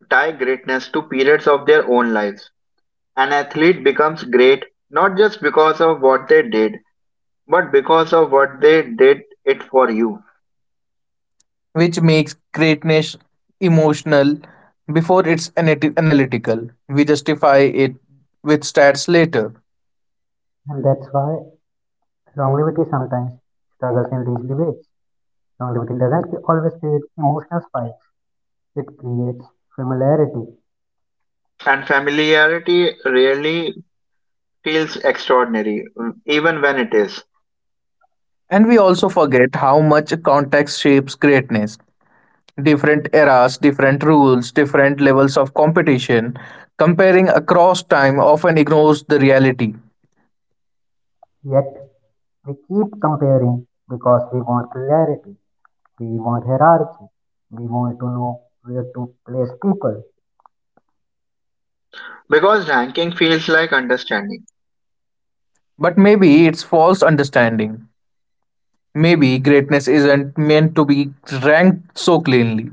Speaker 1: tie greatness to periods of their own lives. An athlete becomes great not just because of what they did, but because of what they did it for you.
Speaker 2: Which makes greatness emotional before it's anati- analytical. We justify it with stats later.
Speaker 3: And that's why longevity sometimes struggles in these debates. Longevity doesn't always create emotional spikes, it creates familiarity.
Speaker 1: And familiarity rarely feels extraordinary, even when it is.
Speaker 2: And we also forget how much context shapes greatness. Different eras, different rules, different levels of competition. Comparing across time often ignores the reality.
Speaker 3: Yet we keep comparing because we want clarity, we want hierarchy, we want to know where to place people.
Speaker 1: Because ranking feels like understanding.
Speaker 2: But maybe it's false understanding. Maybe greatness isn't meant to be ranked so cleanly.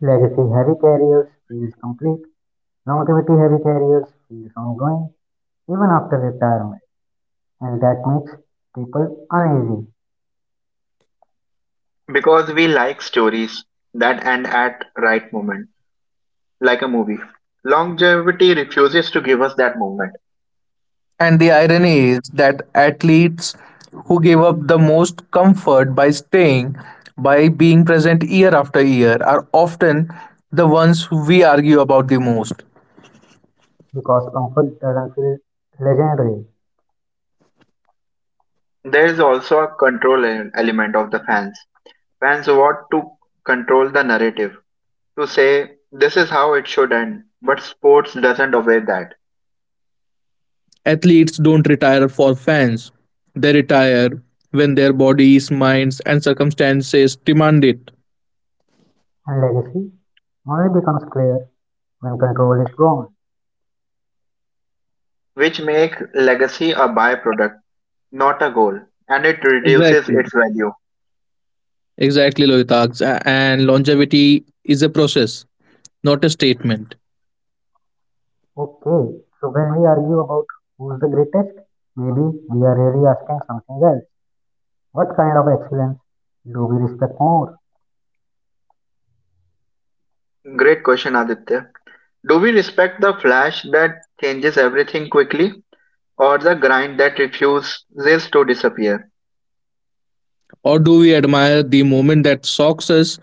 Speaker 3: Legacy heavy carriers feels complete. Longevity heavy careers feels ongoing even after retirement, and that makes people uneasy,
Speaker 1: Because we like stories that end at right moment, like a movie. Longevity refuses to give us that moment.
Speaker 2: And the irony is that athletes who give up the most comfort by staying, by being present year after year, are often the ones we argue about the most.
Speaker 3: because comfort doesn't feel legendary,
Speaker 1: There is also a control e- element of the fans. Fans want to control the narrative, to say this is how it should end, but sports doesn't obey that,
Speaker 2: Athletes don't retire for fans, they retire when their bodies, minds, and circumstances demand it.
Speaker 3: and legacy only becomes clear when control is gone.
Speaker 1: which make legacy a byproduct, not a goal, and it reduces
Speaker 2: Exactly.
Speaker 1: its value.
Speaker 2: Exactly, Lohitak's. And longevity is a process, not a statement.
Speaker 3: Okay, so when we argue about who's the greatest, maybe we are really asking something else. What kind of excellence do we respect more?
Speaker 1: Great question, Aditya. Do we respect the flash that changes everything quickly, or the grind that refuses to disappear?
Speaker 2: Or do we admire the moment that shocks us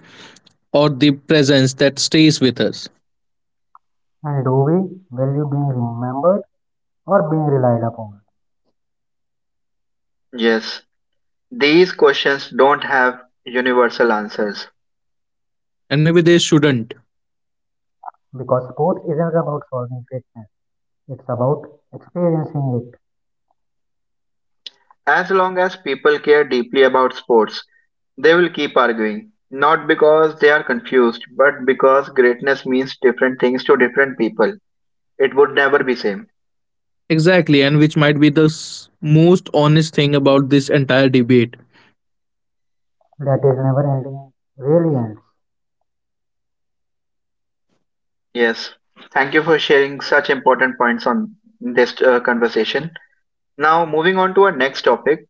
Speaker 2: or the presence that stays with us?
Speaker 3: And do we value being remembered or being relied upon?
Speaker 1: Yes, these questions don't have universal answers.
Speaker 2: And maybe they shouldn't.
Speaker 3: Because sports isn't about solving greatness, it's about experiencing it.
Speaker 1: As long as people care deeply about sports, they will keep arguing, not because they are confused, but because greatness means different things to different people. It would never be same.
Speaker 2: Exactly, and which might be the s- most honest thing about this entire debate.
Speaker 3: That is never ending really ends,
Speaker 1: Yes. Thank you for sharing such important points on this, uh, conversation. Now, moving on to our next topic,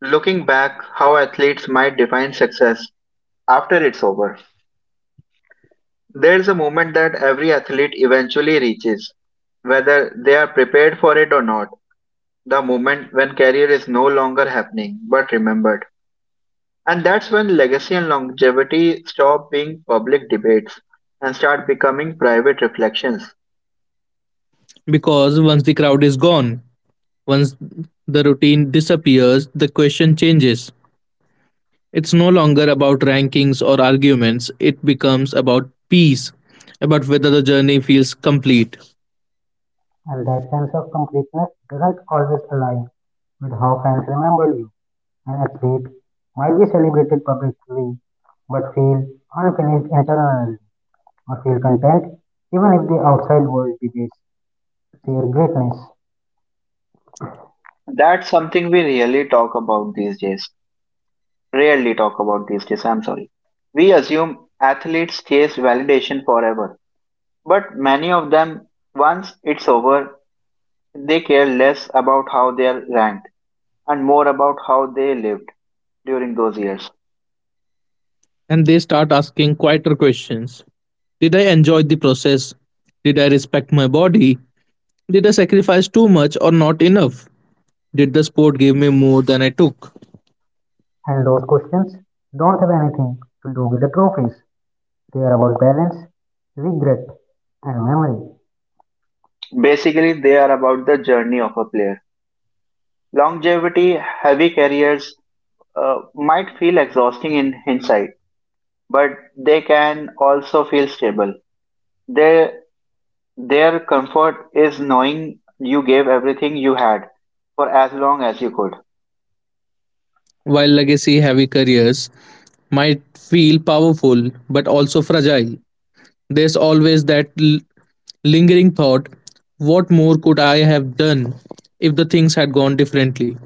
Speaker 1: looking back how athletes might define success after it's over. There's a moment that every athlete eventually reaches, whether they are prepared for it or not, the moment when career is no longer happening but remembered. And that's when legacy and longevity stop being public debates and start becoming private reflections.
Speaker 2: Because once the crowd is gone, once the routine disappears, the question changes. It's no longer about rankings or arguments, it becomes about peace, about whether the journey feels complete.
Speaker 3: and that sense of completeness doesn't always align with how fans remember you. An athlete might be celebrated publicly but feel unfinished internally, or feel content even if the outside world debates their greatness.
Speaker 1: That's something we really talk about these days. Rarely talk about these days, I'm sorry. We assume athletes chase validation forever, but many of them, once it's over, they care less about how they are ranked and more about how they lived during those years.
Speaker 2: And they start asking quieter questions. Did I enjoy the process? Did I respect my body? Did I sacrifice too much or not enough? Did the sport give me more than I took?
Speaker 3: And those questions don't have anything to do with the trophies. They are about balance, regret, and memory.
Speaker 1: Basically, they are about the journey of a player. Longevity, heavy careers uh, might feel exhausting in hindsight, but they can also feel stable. Their, their comfort is knowing you gave everything you had for as long as you could.
Speaker 2: While legacy heavy careers might feel powerful but also fragile, there's always that l- lingering thought, what more could I have done if the things had gone differently?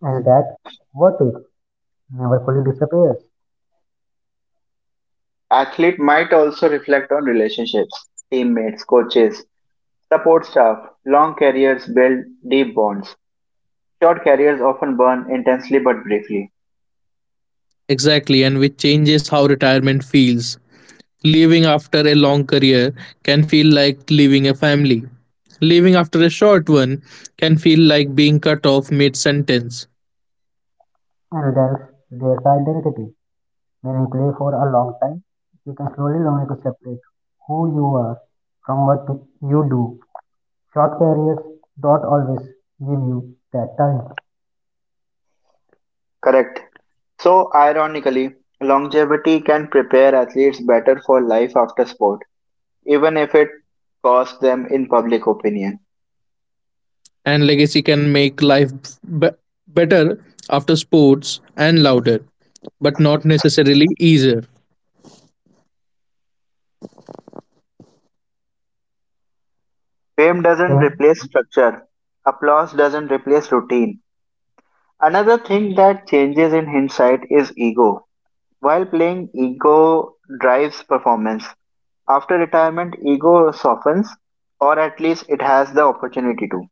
Speaker 3: And that what if never fully disappears,
Speaker 1: Athlete might also reflect on relationships, teammates, coaches, support staff. Long careers build deep bonds. Short careers often burn intensely but briefly.
Speaker 2: Exactly, and which changes how retirement feels. Leaving after a long career can feel like leaving a family. Leaving after a short one can feel like being cut off mid sentence.
Speaker 3: and that's their identity. When you play for a long time, you can slowly learn to separate who you are from what you do. Short careers don't always give you that time,
Speaker 1: Correct. So, ironically, longevity can prepare athletes better for life after sport, even if it costs them in public opinion.
Speaker 2: And legacy can make life b- better after sports and louder, but not necessarily easier.
Speaker 1: Fame doesn't
Speaker 3: fame,
Speaker 1: replace structure, applause doesn't replace routine. Another thing that changes in hindsight is ego. While playing, ego drives performance. After retirement, ego softens, or at least it has the opportunity to.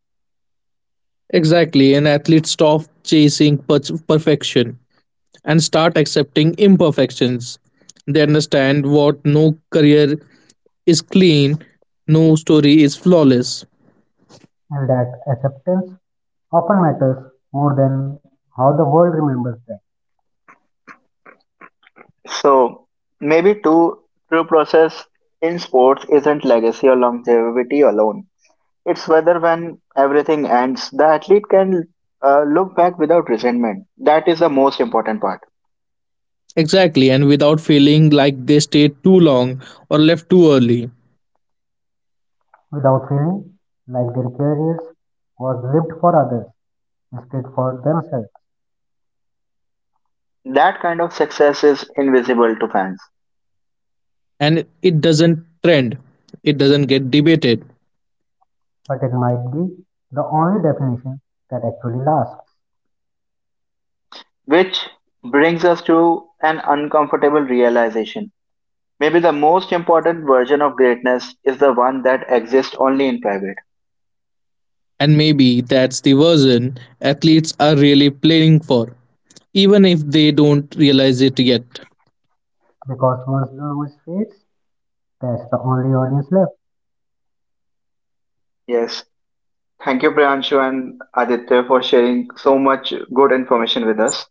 Speaker 2: Exactly, and athletes stop chasing per- perfection and start accepting imperfections. They understand what no career is clean, no story is flawless.
Speaker 3: and that acceptance often matters more than how the world remembers them.
Speaker 1: So maybe too true process in sports isn't legacy or longevity alone. It's whether when everything ends, the athlete can uh, look back without resentment. That is the most important part.
Speaker 2: Exactly, and without feeling like they stayed too long or left too early.
Speaker 3: Without feeling like their careers was lived for others instead for themselves,
Speaker 1: That kind of success is invisible to fans,
Speaker 2: And it doesn't trend, it doesn't get debated.
Speaker 3: but it might be the only definition that actually lasts,
Speaker 1: which brings us to an uncomfortable realization. Maybe the most important version of greatness is the one that exists only in private.
Speaker 2: And maybe that's the version athletes are really playing for, even if they don't realize it yet.
Speaker 3: because once the voice fades, that's the only audience left.
Speaker 1: Yes. Thank you, Priyanshu and Aditya, for sharing so much good information with us.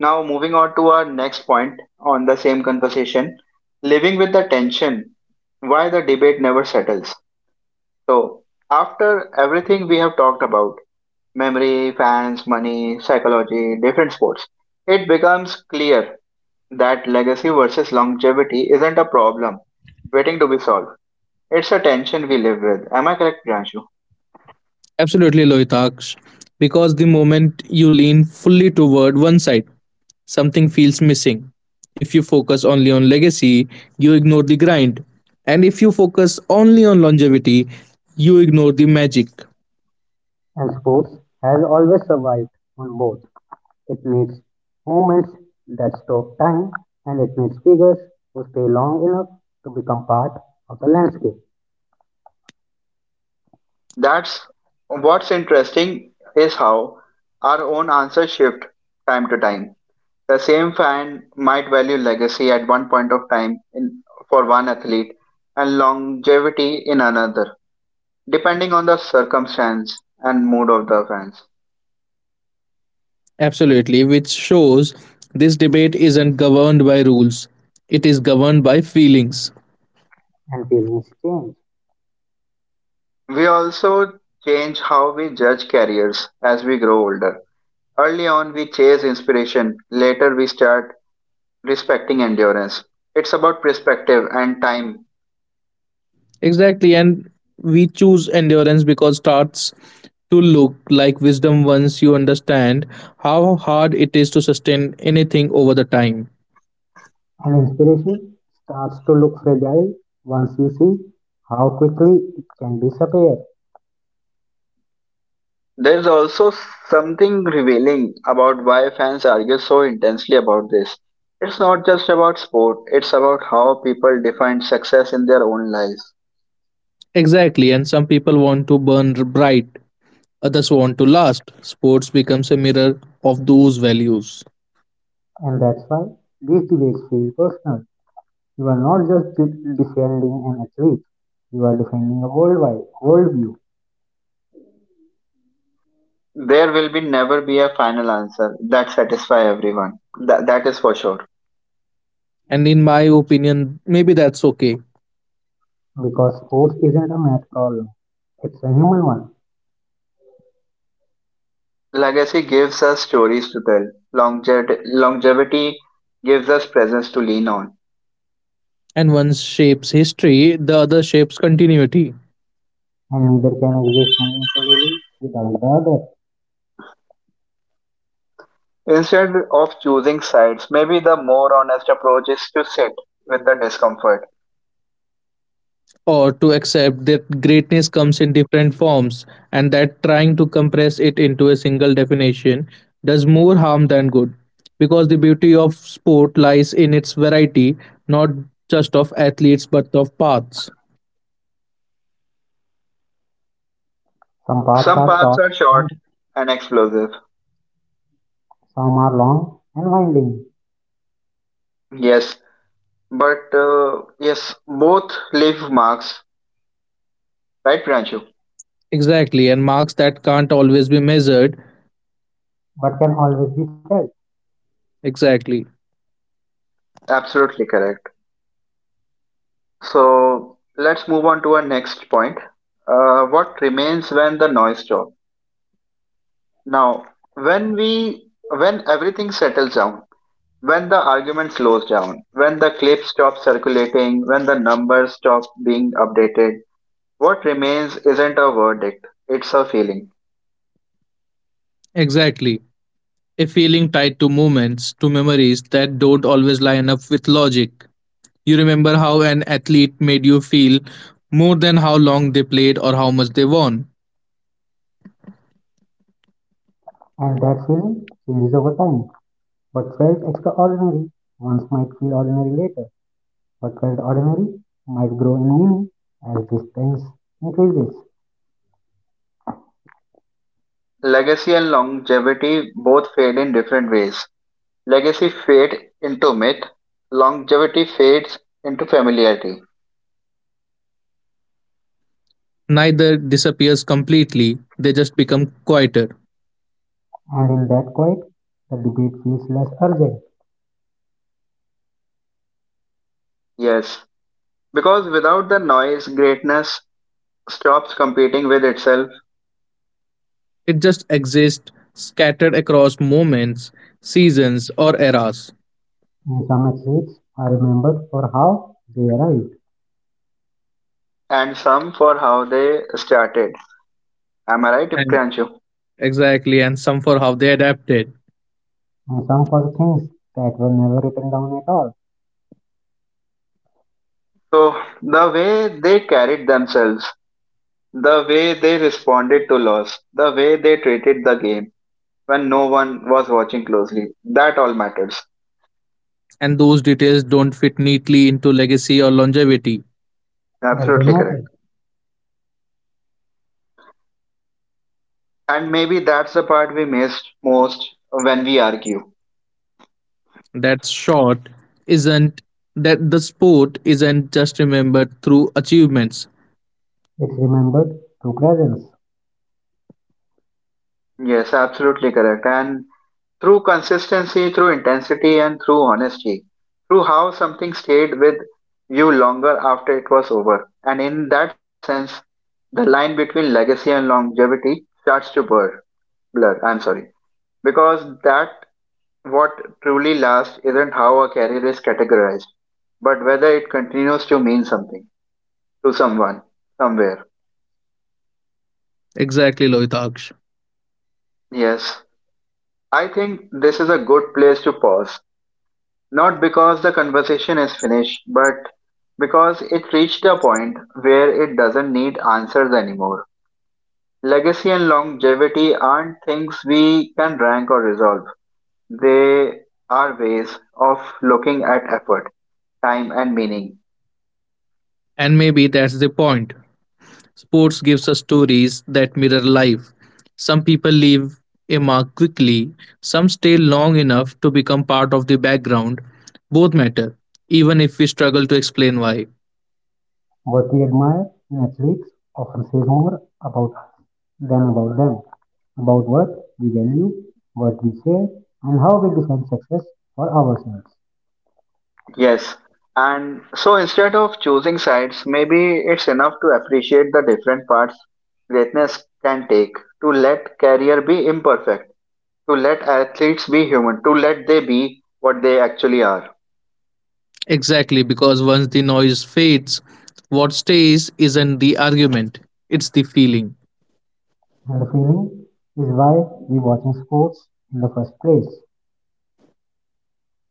Speaker 1: Now, moving on to our next point on the same conversation, living with the tension, why the debate never settles. So, after everything we have talked about memory, fans, money, psychology, different sports, it becomes clear that legacy versus longevity isn't a problem waiting to be solved. It's a tension we live with. Am I correct, Priyanshu?
Speaker 2: Absolutely, Lohitaksh. Because the moment you lean fully toward one side, something feels missing. If you focus only on legacy, you ignore the grind. And if you focus only on longevity, you ignore the magic.
Speaker 3: And sports has always survived on both. It needs movements that stop time, and it needs figures who stay long enough to become part of the landscape.
Speaker 1: That's what's interesting is how our own answers shift time to time. The same fan might value legacy at one point of time in, for one athlete and longevity in another, depending on the circumstance and mood of the fans.
Speaker 2: Absolutely, which shows this debate isn't governed by rules, it is governed by feelings.
Speaker 3: And feelings change,
Speaker 1: We also change how we judge careers as we grow older. Early on, we chase inspiration, later, we start respecting endurance. It's about perspective and time.
Speaker 2: Exactly, and we choose endurance because starts to look like wisdom once you understand how hard it is to sustain anything over the time.
Speaker 3: and inspiration starts to look fragile once you see how quickly it can disappear.
Speaker 1: There's also something revealing about why fans argue so intensely about this. It's not just about sport, it's about how people define success in their own lives.
Speaker 2: Exactly, and some people want to burn r- bright, others want to last. Sports becomes a mirror of those values.
Speaker 3: And that's why these debates feel personal. You are not just de- defending an athlete, you are defending a worldwide worldview,
Speaker 1: There will be never be a final answer that satisfies everyone. That, that is for sure.
Speaker 2: And in my opinion, maybe that's okay.
Speaker 3: because sports isn't a math problem. It's a human one.
Speaker 1: Legacy gives us stories to tell. Longev- longevity gives us presence to lean on.
Speaker 2: And one shapes history, the other shapes continuity.
Speaker 3: And neither can exist homogeneously without the other.
Speaker 1: Instead of choosing sides, maybe the more honest approach is to sit with the discomfort.
Speaker 2: Or to accept that greatness comes in different forms, and that trying to compress it into a single definition does more harm than good, because the beauty of sport lies in its variety, not just of athletes but of paths.
Speaker 3: Some paths
Speaker 1: Some
Speaker 3: are
Speaker 1: paths
Speaker 3: short,
Speaker 1: are short
Speaker 3: and
Speaker 1: and explosive.
Speaker 3: some are long and winding,
Speaker 1: Yes, but uh, yes, both leave marks, right, Pranchu?
Speaker 2: Exactly, and marks that can't always be measured.
Speaker 3: but can always be felt.
Speaker 2: Exactly.
Speaker 1: Absolutely correct. So let's move on to our next point. Uh, what remains when the noise stops? Now, when we when everything settles down, when the argument slows down, when the clip stops circulating, when the numbers stop being updated, what remains isn't a verdict; it's a feeling.
Speaker 2: Exactly, a feeling tied to moments, to memories that don't always line up with logic. You remember how an athlete made you feel more than how long they played or how much they won.
Speaker 3: And that feeling changes over time. What felt extraordinary once might feel ordinary later. What felt ordinary might grow in meaning as distance increases.
Speaker 1: Legacy and longevity both fade in different ways. Legacy fades into myth, longevity fades into familiarity.
Speaker 2: Neither disappears completely, they just become quieter.
Speaker 3: And in that quiet, the debate feels less urgent.
Speaker 1: Yes, because without the noise, greatness stops competing with itself
Speaker 2: It just exists scattered across moments, seasons, or eras.
Speaker 3: And some exits are remembered for how they arrived.
Speaker 1: and some for how they started. Am I right,
Speaker 2: And
Speaker 1: Pranchu?
Speaker 2: exactly, and some for how they adapted.
Speaker 3: And some for things that were never written down at all,
Speaker 1: So, the way they carried themselves, the way they responded to loss, the way they treated the game when no one was watching closely, that all matters.
Speaker 2: And those details don't fit neatly into legacy or longevity.
Speaker 3: but they
Speaker 1: Absolutely
Speaker 3: matter.
Speaker 1: correct. And maybe that's the part we missed most when we argue.
Speaker 2: That short isn't, that the sport isn't just remembered through achievements.
Speaker 3: It's remembered through presence.
Speaker 1: Yes, absolutely correct. And through consistency, through intensity, and through honesty, through how something stayed with you longer after it was over. And in that sense, the line between legacy and longevity starts to blur. Blur. I'm sorry, because that what truly lasts isn't how a career is categorized, but whether it continues to mean something to someone somewhere.
Speaker 2: Exactly, Lohitaksh.
Speaker 1: Yes. I think this is a good place to pause, not because the conversation is finished, but because it reached a point where it doesn't need answers anymore. Legacy and longevity aren't things we can rank or resolve. They are ways of looking at effort, time, and meaning.
Speaker 2: And maybe that's the point. Sports gives us stories that mirror life. Some people leave a mark quickly, some stay long enough to become part of the background. Both matter, even if we struggle to explain why.
Speaker 3: What we admire in athletes often says more about us than about them, about what we value, what we share, and how we define success for ourselves.
Speaker 1: Yes. And so instead of choosing sides, maybe it's enough to appreciate the different parts greatness can take, to let career be imperfect, to let athletes be human, to let they be what they actually are.
Speaker 2: Exactly, because once the noise fades, what stays isn't the argument, it's the feeling.
Speaker 3: And the feeling is why we watching sports in the first place.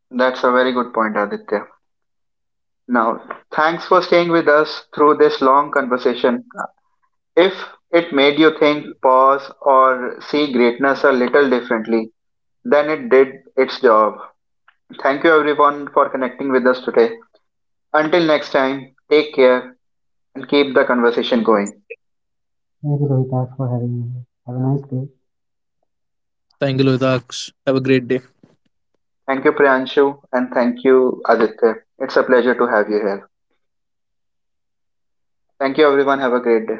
Speaker 1: That's a very good point, Aditya. Now, thanks for staying with us through this long conversation. If it made you think, pause, or see greatness a little differently, then it did its job. Thank you, everyone, for connecting with us today. Until next time, take care and keep the conversation going.
Speaker 3: Thank you, Rohitas, for having me. Have a nice day.
Speaker 2: Thank you, Lohitaksh. Have a great day.
Speaker 1: Thank you, Priyanshu, and thank you, Aditya. It's a pleasure to have you here. Thank you, everyone. Have a great day.